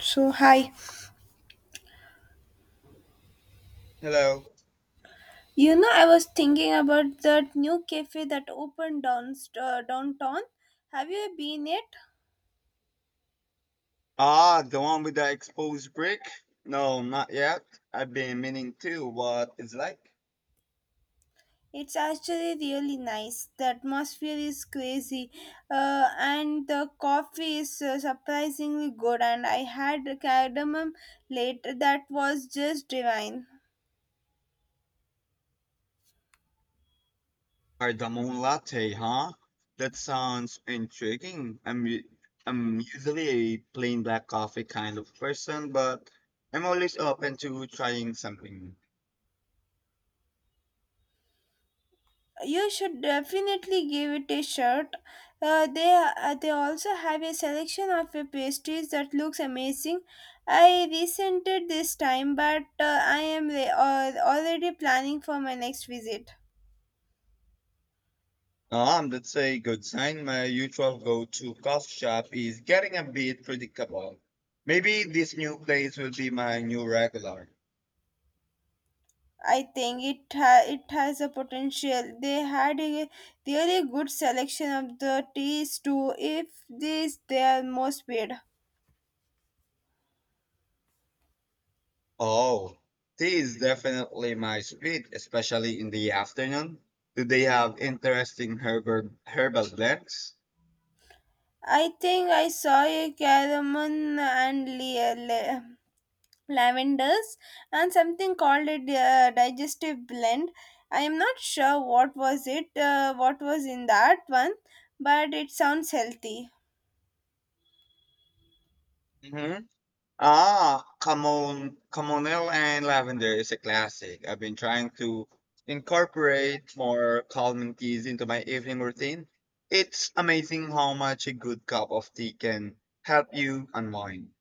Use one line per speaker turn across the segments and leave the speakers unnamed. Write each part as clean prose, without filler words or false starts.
So, hi.
Hello.
You know, I was thinking about that new cafe that opened downtown. Have you been it?
Ah, the one with the exposed brick? No, not yet. I've been meaning to. What it's like?
It's actually really nice. The atmosphere is crazy, and the coffee is surprisingly good. And I had cardamom later that was just divine.
Cardamom latte, huh? That sounds intriguing. I'm usually a plain black coffee kind of person, but I'm always open to trying something
You should definitely give it a shot. They also have a selection of pastries that looks amazing. I resented this time, but I am already planning for my next visit.
new. That's a good sign. My usual go-to coffee shop is getting a bit predictable. Maybe this new place will be my new regular.
I think it has a potential. They had a really good selection of the teas too. If these they are most weird.
Oh, tea is definitely my speed, especially in the afternoon. Do they have interesting herbal blends?
I think I saw a cardamom and lavenders and something called a digestive blend. I am not sure what was it, what was in that one, but it sounds healthy.
Hmm. Ah, camon, chamomile and lavender is a classic. I've been trying to incorporate more calming teas into my evening routine. It's amazing how much a good cup of tea can help you unwind.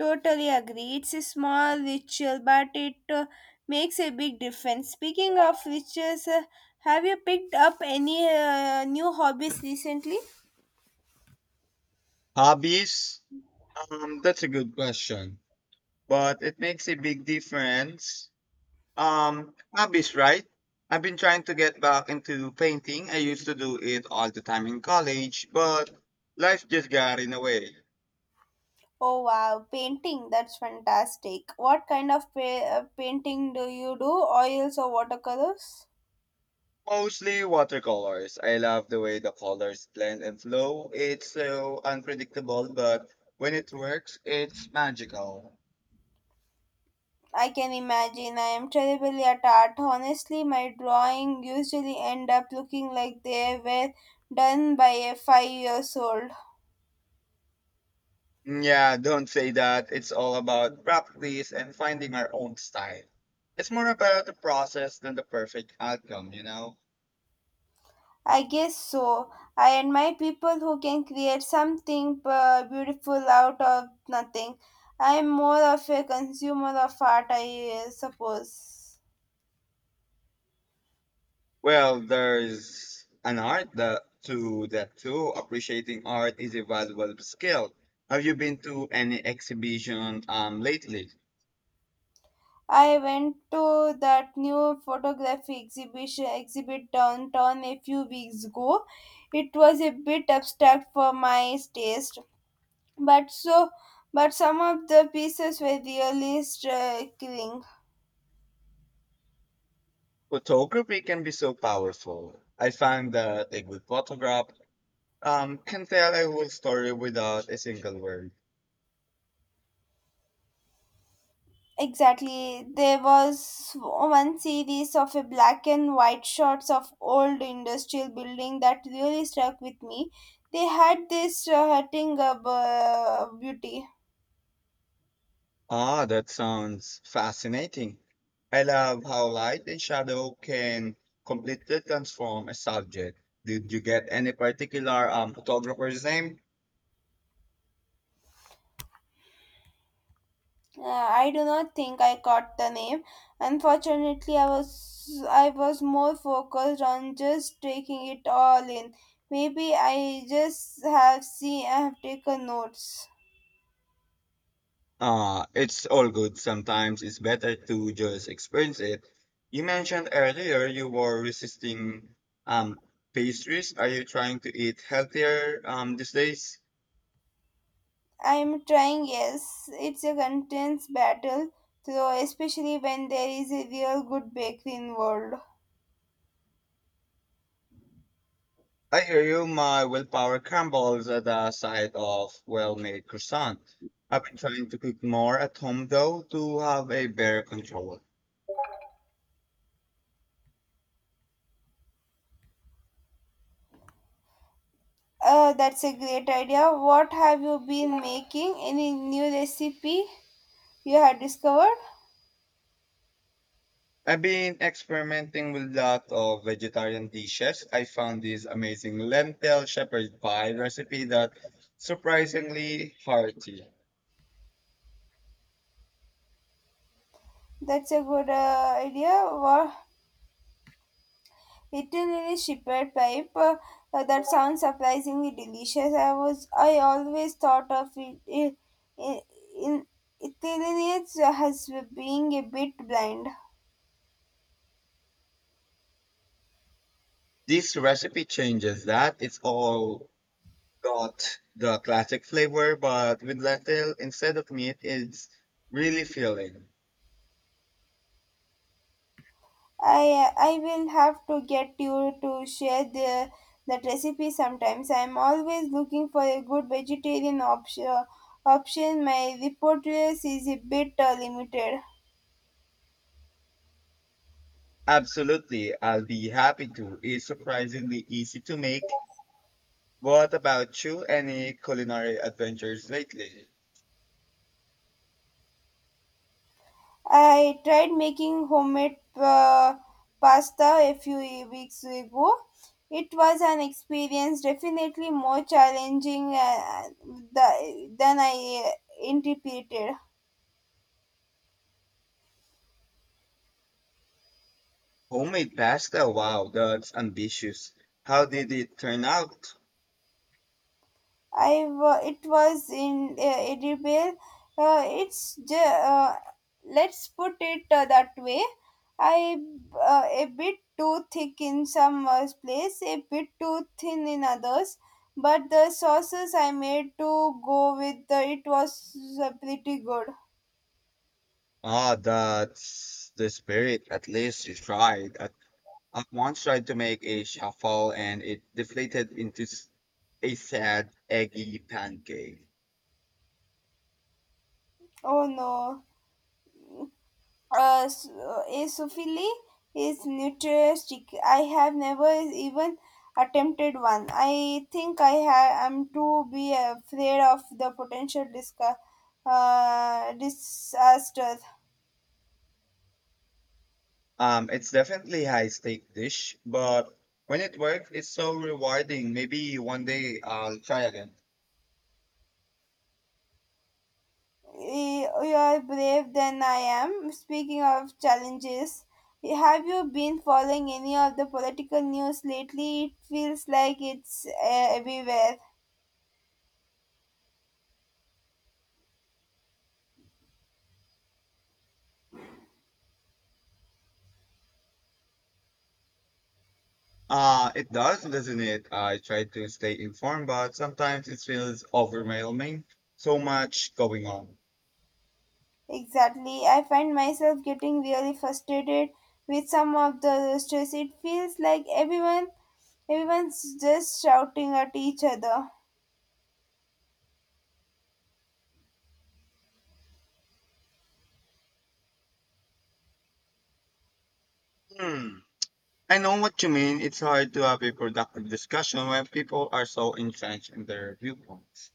Totally agree, it's a small ritual but it makes a big difference. Speaking of rituals, have you picked up any new hobbies recently?
Hobbies? That's a good question, but it makes a big difference. Hobbies, right? I've been trying to get back into painting. I used to do it all the time in college, but life just got in the way.
Oh wow, painting, that's fantastic. What kind of painting do you do, oils or watercolors?
Mostly watercolors. I love the way the colors blend and flow. It's so unpredictable, but when it works, it's magical.
I can imagine. I am terribly at art. Honestly, my drawing usually end up looking like they were done by a 5 years old.
Yeah, don't say that. It's all about practice and finding our own style. It's more about the process than the perfect outcome, you know?
I guess so. I admire people who can create something beautiful out of nothing. I am more of a consumer of art, I suppose.
Well, there's an art that to that too. Appreciating art is a valuable skill. Have you been to any exhibition lately?
I went to that new photography exhibition exhibit downtown a few weeks ago. It was a bit abstract for my taste, but so but some of the pieces were really striking.
Photography can be so powerful. I find that a good photograph can tell a whole story without a single word.
Exactly, there was one series of a black and white shots of old industrial building that really struck with me. They had this hurting beauty.
Ah, that sounds fascinating. I love how light and shadow can completely transform a subject. Did you get any particular photographer's name?
I do not think I caught the name. Unfortunately I was more focused on just taking it all in. Maybe I just have seen, I have taken notes.
It's all good. Sometimes it's better to just experience it. You mentioned earlier you were resisting um, pastries. Are you trying to eat healthier these days?
I'm trying, yes. It's a contents battle, though, especially when there is a real good bakery involved.
I hear you. My willpower crumbles at the sight of well-made croissant. I've been trying to cook more at home though to have a better control.
That's a great idea. What have you been making? Any new recipe you have discovered?
I've been experimenting with lot of vegetarian dishes. I found this amazing lentil shepherd pie recipe that surprisingly hearty.
That's a good idea. Wow. Eaten in a shepherd pipe. That sounds surprisingly delicious. I was I always thought of it in Italians as being a bit blind.
This recipe changes that. It's all got the classic flavor, but with lentil instead of meat, it's really filling.
I will have to get you to share the that recipe sometimes. I'm always looking for a good vegetarian option. Option my repertoire is a bit limited.
Absolutely, I'll be happy to. It's surprisingly easy to make. What about you? Any culinary adventures lately?
I tried making homemade pasta a few weeks ago. It was an experience, definitely more challenging than I anticipated.
Homemade pasta? Wow, that's ambitious. How did it turn out?
It was in edible. Uh, it's ju- uh, let's put it that way. I A bit too thick in some place, a bit too thin in others. But the sauces I made to go with the, it was pretty good.
Ah, that's the spirit. At least you tried. I once tried to make a shuffle and it deflated into a sad, eggy pancake.
Oh no. Esophile is nutrigenistic. I have never even attempted one. I think am too be afraid of the potential disaster.
It's definitely high stake dish, but when it works, it's so rewarding. Maybe one day I'll try again.
You are brave than I am. Speaking of challenges, have you been following any of the political news lately? It feels like it's everywhere.
It does, doesn't it? I try to stay informed, but sometimes it feels overwhelming. So much going on.
Exactly. I find myself getting really frustrated with some of the stress. It feels like everyone's just shouting at each other.
Hmm. I know what you mean. It's hard to have a productive discussion when people are so entrenched in their viewpoints.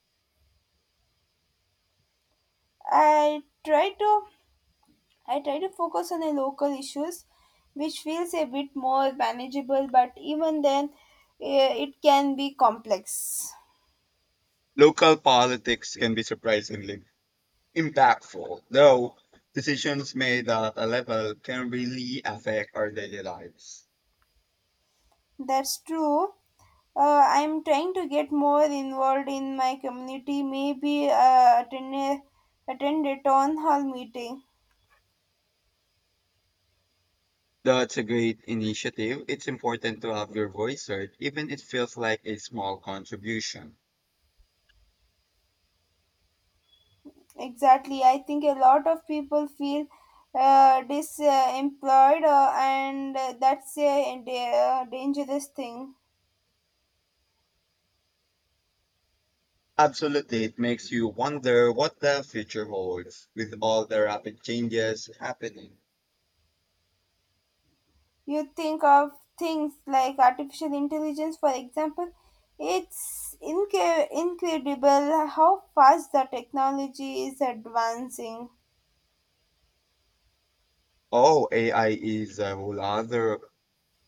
I try to I try to focus on the local issues which feels a bit more manageable but even then, it can be complex.
Local politics can be surprisingly impactful, though decisions made at a level can really affect our daily lives.
That's true. I'm trying to get more involved in my community, maybe attend a town hall meeting.
That's a great initiative. It's important to have your voice heard, even if it feels like a small contribution.
Exactly. I think a lot of people feel disemployed, and that's a dangerous thing.
Absolutely, it makes you wonder what the future holds with all the rapid changes happening.
You think of things like artificial intelligence, for example. It's inca incredible how fast the technology is advancing.
Oh, AI is a whole other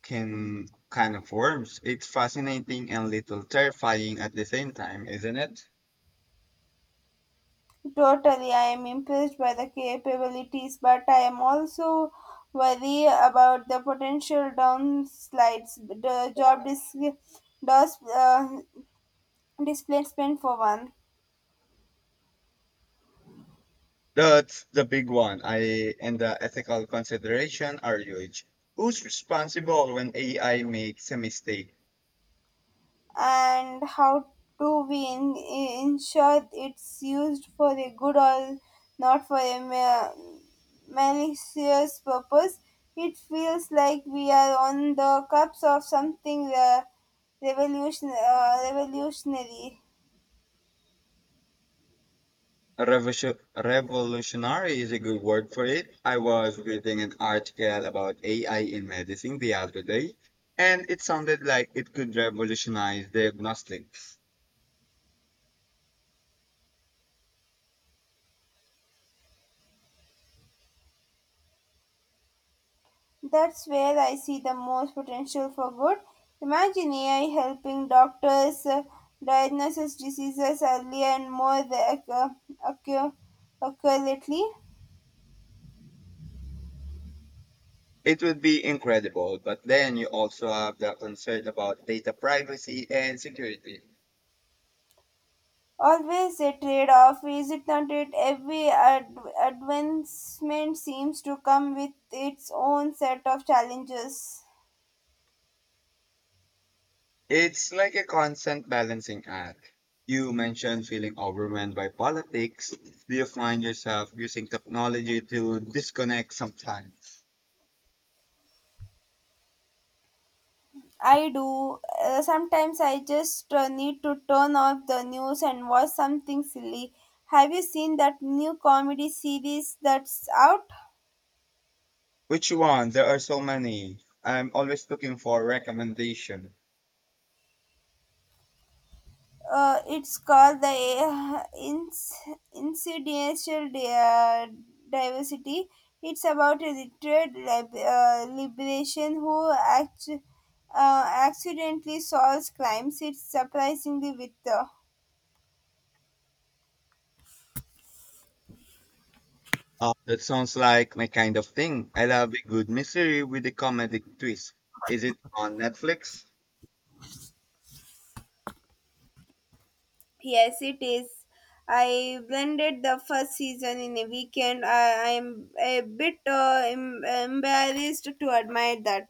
can kind of worms. It's fascinating and little terrifying at the same time, isn't it?
Totally, I am impressed by the capabilities, but I am also worried about the potential downslides, the job dos- uh, displacement for one,
That's the big one. I and the ethical consideration are huge. Who's responsible when AI makes a mistake?
and how do we ensure it's used for a good or not for a malicious purpose? It feels like we are on the cups of something revolutionary.
Revolutionary is a good word for it. I was reading an article about AI in medicine the other day, and it sounded like it could revolutionize diagnostics.
That's where I see the most potential for good. Imagine AI helping doctors diagnose diseases earlier and more accu- accurately.
It would be incredible, but then you also have the concern about data privacy and security.
Always a trade off, is it not? It every advancement seems to come with its own set of challenges.
It's like a constant balancing act. You mentioned feeling overwhelmed by politics. Do you find yourself using technology to disconnect sometimes?
I do. Sometimes I just need to turn off the news and watch something silly. Have you seen that new comedy series that's out?
Which one? There are so many. I'm always looking for a recommendation.
It's called uh, Ins- Incidental Diversity. It's about a literate liberation who accidentally solves crimes. It's surprisingly with the.
That sounds like my kind of thing. I love a good mystery with a comedic twist. Is it on Netflix?
Yes, it is. I blended the first season in a weekend. I am a bit embarrassed to admit that.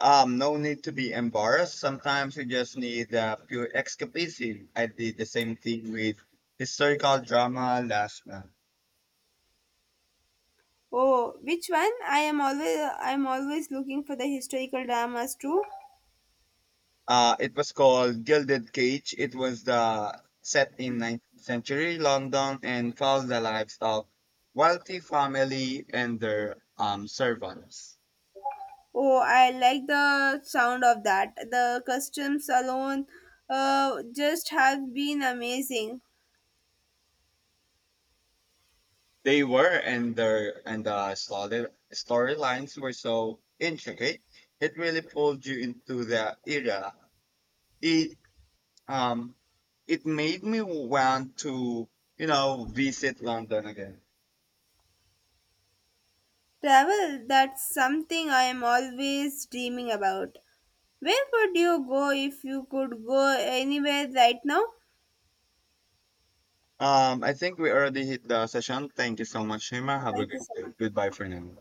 No need to be embarrassed. Sometimes you just need a pure escapism. I did the same thing with historical drama last month.
Oh, which one? I am always looking for the historical dramas too.
It was called Gilded Cage. It was the set in 19th century London and follows the lives of wealthy family and their servants.
Oh, I like the sound of that. The customs alone just have been amazing.
They were and their and the storylines were so intricate. It really pulled you into the era. It um it made me want to visit London again.
Travel, that's something I am always dreaming about. Where would you go if you could go anywhere right now?
I think we already hit the session. Thank you so much, Shima. Have a
Thank you
good
so
day.
much.
Goodbye for now.